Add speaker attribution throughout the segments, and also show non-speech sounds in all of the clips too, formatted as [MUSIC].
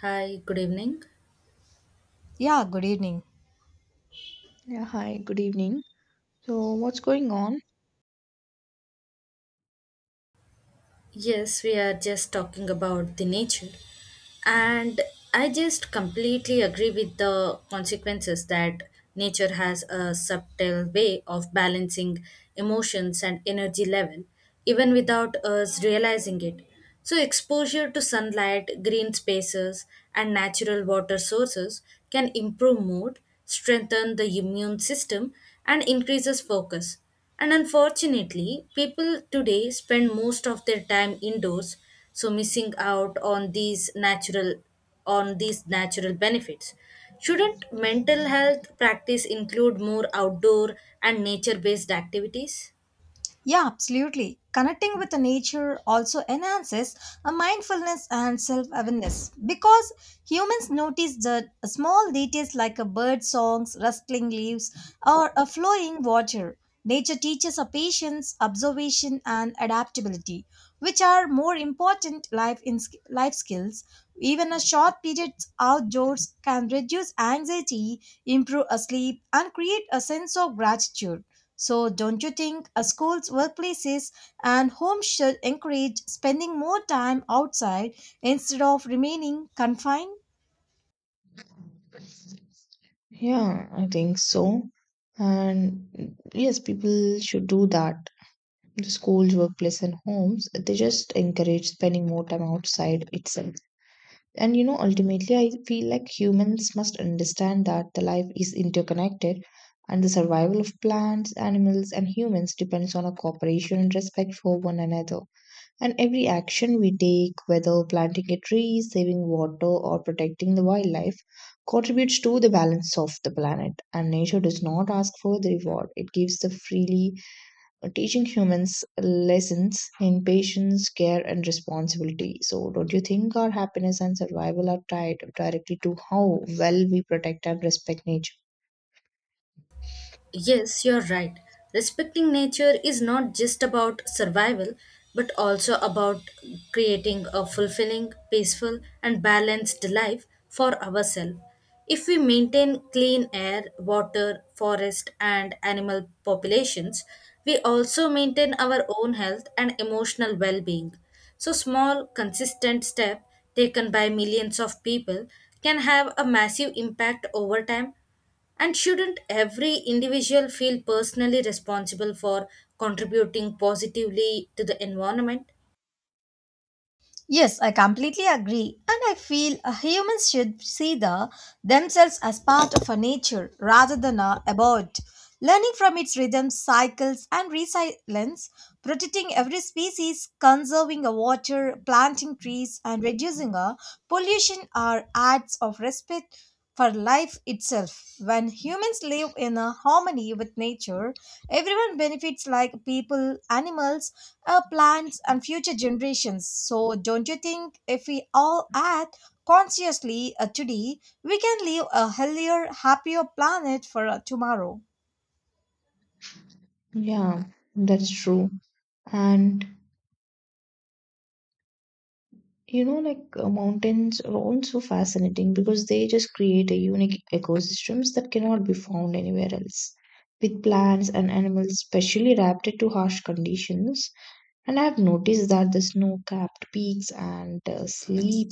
Speaker 1: Hi, good evening.
Speaker 2: Yeah, good evening.
Speaker 3: Yeah, hi, good evening. So, what's going on?
Speaker 1: Yes, we are just talking about the nature. And I just completely agree with the consequences that nature has a subtle way of balancing emotions and energy level, even without us realizing it. So, exposure to sunlight, green spaces, and natural water sources can improve mood, strengthen the immune system, and increases focus. And unfortunately, people today spend most of their time indoors, so missing out on these natural benefits. Shouldn't mental health practice include more outdoor and nature-based activities?
Speaker 2: Yeah, absolutely. Connecting with the nature also enhances a mindfulness and self awareness because humans notice the small details like a bird songs, rustling leaves, or a flowing water. Nature teaches a patience, observation, and adaptability, which are more important life in life skills. Even a short period outdoors can reduce anxiety, improve a sleep, and create a sense of gratitude. So, don't you think schools, workplaces, and homes should encourage spending more time outside instead of remaining confined?
Speaker 3: Yeah, I think so. And yes, people should do that. The schools, workplace, and homes, they just encourage spending more time outside itself. And you know, ultimately, I feel like humans must understand that the life is interconnected and the survival of plants, animals, and humans depends on a cooperation and respect for one another. And every action we take, whether planting a tree, saving water, or protecting the wildlife, contributes to the balance of the planet. And nature does not ask for the reward, it gives the freely, teaching humans lessons in patience, care, and responsibility. So, don't you think our happiness and survival are tied directly to how well we protect and respect nature?
Speaker 1: Yes, you're right. Respecting nature is not just about survival, but also about creating a fulfilling, peaceful, and balanced life for ourselves. If we maintain clean air, water, forest, and animal populations, we also maintain our own health and emotional well being. So, small, consistent step taken by millions of people can have a massive impact over time and shouldn't every individual feel personally responsible for contributing positively to the environment?
Speaker 2: Yes, I completely agree. And I feel humans should see the, themselves as part of a nature rather than a abode. Learning from its rhythms, cycles, and resilience, protecting every species, conserving the water, planting trees, and reducing a pollution are acts of respect for life itself. When humans live in a harmony with nature, everyone benefits like people, animals, our plants and future generations. So, don't you think if we all act consciously today, we can leave a healthier, happier planet for tomorrow?
Speaker 3: Yeah, that's true. And you know, like mountains are also fascinating because they just create a unique ecosystems that cannot be found anywhere else. With plants and animals specially adapted to harsh conditions, and I have noticed that the snow-capped peaks and sleep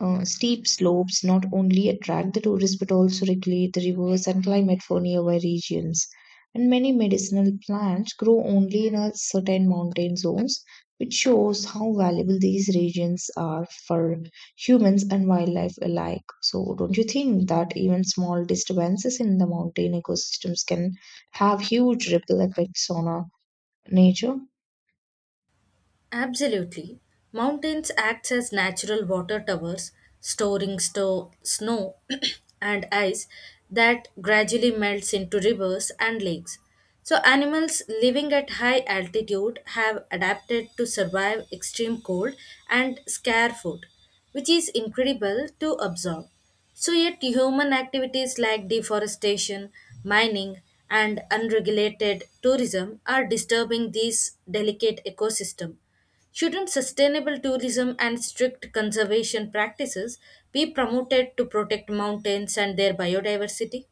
Speaker 3: steep slopes not only attract the tourists but also regulate the rivers and climate for nearby regions. And many medicinal plants grow only in a certain mountain zones, which shows how valuable these regions are for humans and wildlife alike. So, don't you think that even small disturbances in the mountain ecosystems can have huge ripple effects on our nature?
Speaker 1: Absolutely. Mountains act as natural water towers, snow [CLEARS THROAT] and ice that gradually melts into rivers and lakes. So, animals living at high altitude have adapted to survive extreme cold and scarce food, which is incredible to observe. So, yet, human activities like deforestation, mining, and unregulated tourism are disturbing these delicate ecosystem. Shouldn't sustainable tourism and strict conservation practices be promoted to protect mountains and their biodiversity?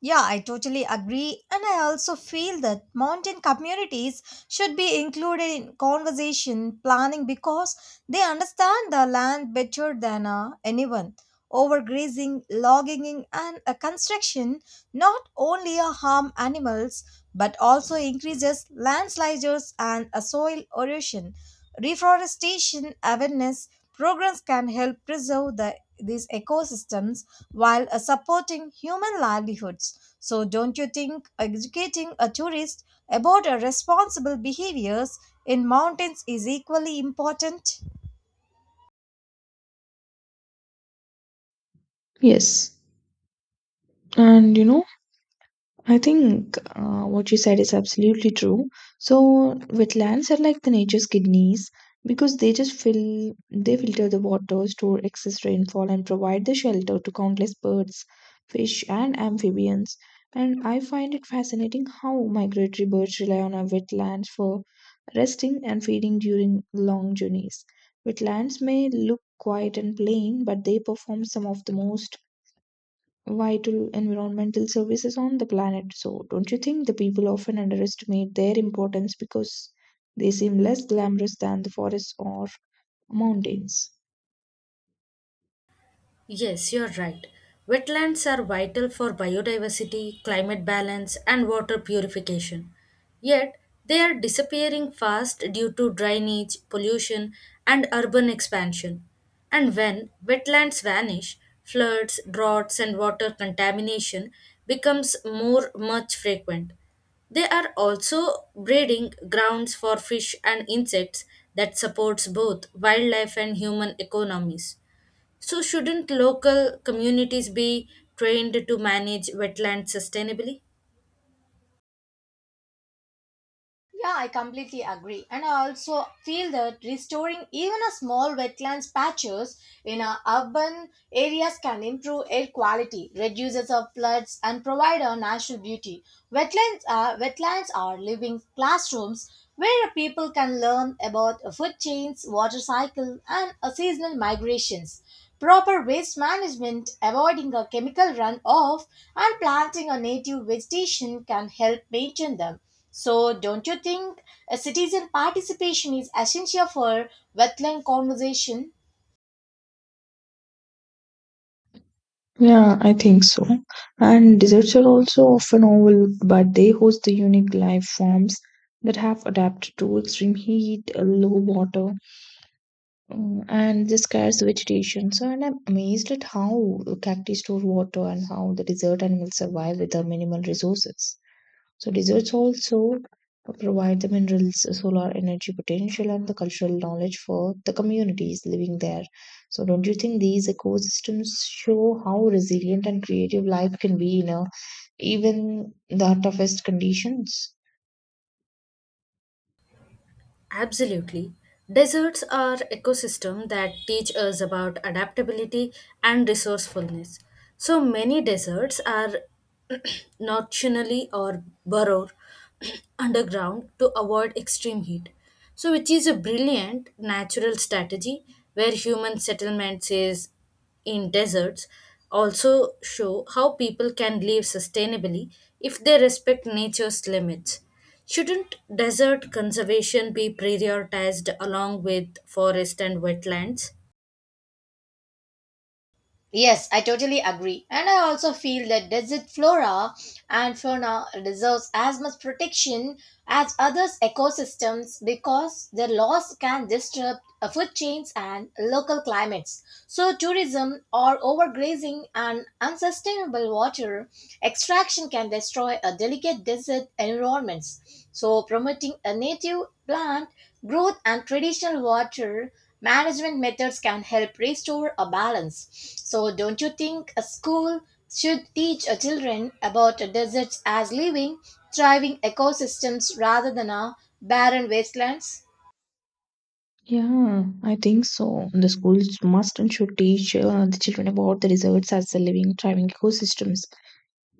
Speaker 2: Yeah, I totally agree. And I also feel that mountain communities should be included in conversation planning because they understand the land better than anyone. Overgrazing, logging, and construction not only harm animals but also increases landslides and soil erosion. Reforestation awareness programs can help preserve the, these ecosystems while supporting human livelihoods. So, don't you think educating a tourist about responsible behaviors in mountains is equally important?
Speaker 3: Yes. And you know, I think what you said is absolutely true. So wetlands are like the nature's kidneys because they filter the water, store excess rainfall, and provide the shelter to countless birds, fish, and amphibians. And I find it fascinating how migratory birds rely on our wetlands for resting and feeding during long journeys. Wetlands may look quiet and plain, but they perform some of the most vital environmental services on the planet. So, don't you think the people often underestimate their importance because they seem less glamorous than the forests or mountains?
Speaker 1: Yes, you're right. Wetlands are vital for biodiversity, climate balance, and water purification. Yet, they are disappearing fast due to drainage, pollution, and urban expansion. And when wetlands vanish, floods, droughts, and water contamination becomes more much frequent. They are also breeding grounds for fish and insects that supports both wildlife and human economies. So, shouldn't local communities be trained to manage wetlands sustainably?
Speaker 2: Yeah, I completely agree. And I also feel that restoring even a small wetlands patches in our urban areas can improve air quality, reduces of floods and provide our natural beauty. Wetlands are living classrooms where people can learn about food chains, water cycle and seasonal migrations. Proper waste management, avoiding a chemical runoff, and planting a native vegetation can help maintain them. So, don't you think a citizen participation is essential for wetland conservation?
Speaker 3: Yeah, I think so. And deserts are also often overlooked, but they host the unique life forms that have adapted to extreme heat, low water, and the scarce vegetation. So, and I'm amazed at how cacti store water and how the desert animals survive with their minimal resources. So deserts also provide the minerals, solar energy potential, and the cultural knowledge for the communities living there. So don't you think these ecosystems show how resilient and creative life can be in even the toughest conditions?
Speaker 1: Absolutely. Deserts are ecosystems that teach us about adaptability and resourcefulness. So many deserts are [CLEARS THROAT] nocturnally or burrow [CLEARS THROAT] underground to avoid extreme heat. So, which is a brilliant natural strategy where human settlements is in deserts also show how people can live sustainably if they respect nature's limits. Shouldn't desert conservation be prioritized along with forest and wetlands?
Speaker 2: Yes, I totally agree. And I also feel that desert flora and fauna deserves as much protection as other ecosystems because their loss can disrupt food chains and local climates. So tourism or overgrazing and unsustainable water extraction can destroy a delicate desert environments. So promoting a native plant growth and traditional water management methods can help restore a balance. So, don't you think a school should teach a children about deserts as living, thriving ecosystems rather than a barren wastelands?
Speaker 3: Yeah, I think so. The schools must and should teach the children about the deserts as the living, thriving ecosystems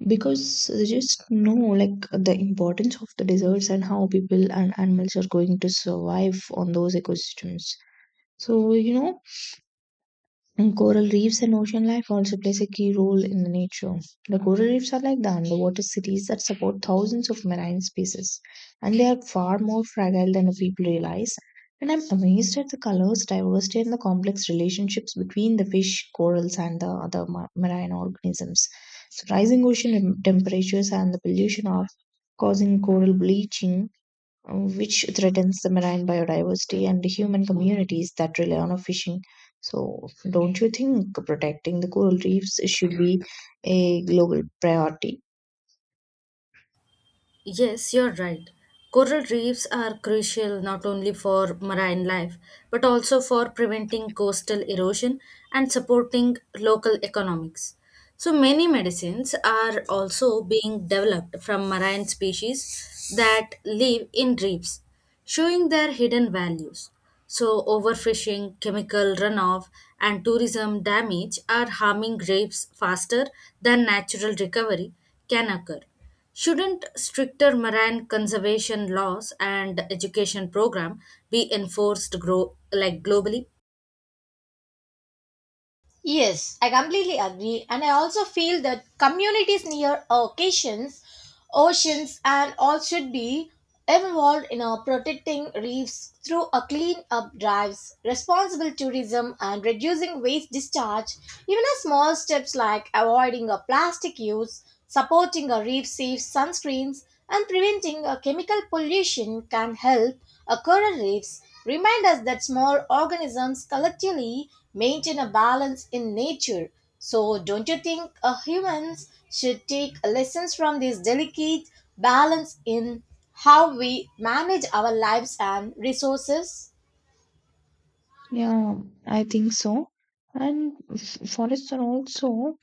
Speaker 3: because they just know like the importance of the deserts and how people and animals are going to survive on those ecosystems, so you know, and coral reefs and ocean life also plays a key role in the nature. The coral reefs are like the underwater cities that support thousands of marine species, and they are far more fragile than people realize. And I'm amazed at the colors, diversity, and the complex relationships between the fish, corals, and the other marine organisms. So, rising ocean temperatures and the pollution are causing coral bleaching, which threatens the marine biodiversity and the human communities that rely on a fishing. So, don't you think protecting the coral reefs should be a global priority?
Speaker 1: Yes, you're right. Coral reefs are crucial not only for marine life but also for preventing coastal erosion and supporting local economics. So, many medicines are also being developed from marine species that live in reefs, showing their hidden values. So, overfishing, chemical runoff, and tourism damage are harming reefs faster than natural recovery can occur. Shouldn't stricter marine conservation laws and education program be enforced grow like globally?
Speaker 2: Yes, I completely agree, and I also feel that communities near occasions oceans and all should be involved in protecting reefs through a clean up drives, responsible tourism and reducing waste discharge. Even a small steps like avoiding a plastic use, supporting a reef safe sunscreens and preventing a chemical pollution can help a coral reefs remind us that small organisms collectively maintain a balance in nature. So, don't you think humans should take lessons from this delicate balance in how we manage our lives and resources?
Speaker 3: Yeah, I think so. And forests are also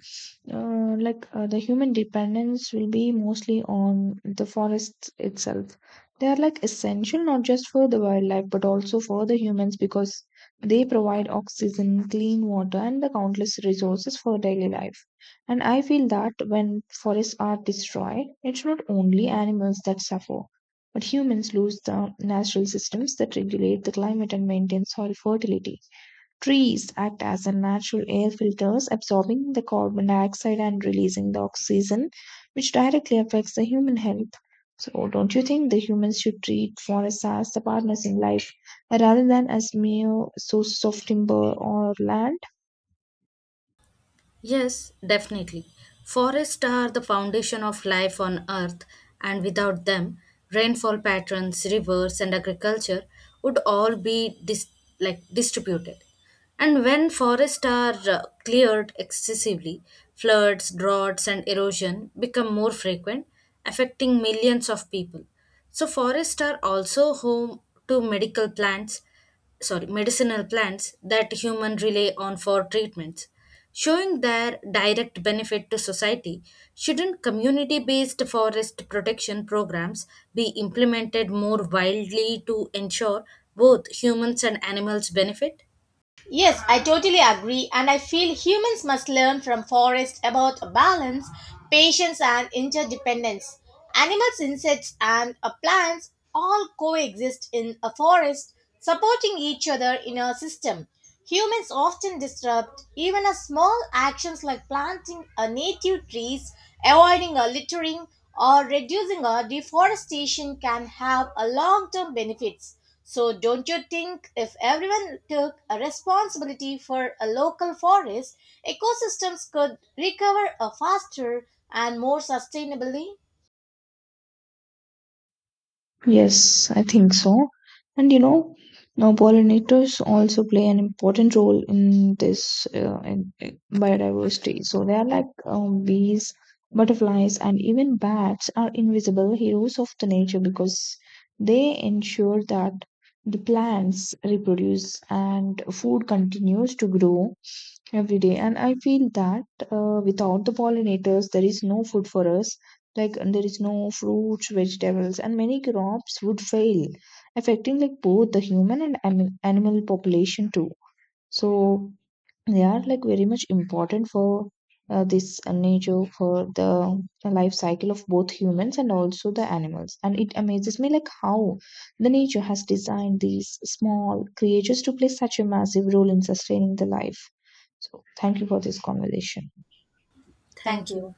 Speaker 3: like the human dependence will be mostly on the forests itself. They are like essential not just for the wildlife but also for the humans because they provide oxygen, clean water, and the countless resources for daily life. And I feel that when forests are destroyed, it's not only animals that suffer, but humans lose the natural systems that regulate the climate and maintain soil fertility. Trees act as a natural air filters, absorbing the carbon dioxide and releasing the oxygen, which directly affects the human health. So, don't you think the humans should treat forests as the partners in life rather than as mere sources of timber or land?
Speaker 1: Yes, definitely. Forests are the foundation of life on Earth, and without them, rainfall patterns, rivers, and agriculture would all be like distributed. And when forests are cleared excessively, floods, droughts, and erosion become more frequent, affecting millions of people. So, forests are also home to medical plants sorry, medicinal plants that human rely on for treatments. Showing their direct benefit to society, shouldn't community based forest protection programs be implemented more widely to ensure both humans and animals benefit?
Speaker 2: Yes, I totally agree, and I feel humans must learn from forests about balance, patience, and interdependence. Animals, insects, and plants all coexist in a forest, supporting each other in a system. Humans often disrupt even a small actions like planting a native trees, avoiding a littering, or reducing a deforestation can have a long-term benefits. So, don't you think if everyone took a responsibility for a local forest, ecosystems could recover a faster and more sustainably?
Speaker 3: Yes, I think so. And you know, now pollinators also play an important role in this in biodiversity. So they are like bees, butterflies, and even bats are invisible heroes of the nature because they ensure that the plants reproduce and food continues to grow every day. And I feel that, without the pollinators there is no food for us, like, and there is no fruits, vegetables, and many crops would fail, affecting like both the human and animal population too. So they are like very much important for this nature, for the life cycle of both humans and also the animals. And it amazes me like how the nature has designed these small creatures to play such a massive role in sustaining the life. So thank you for this conversation.
Speaker 2: Thank
Speaker 1: Thank
Speaker 2: you.
Speaker 1: you.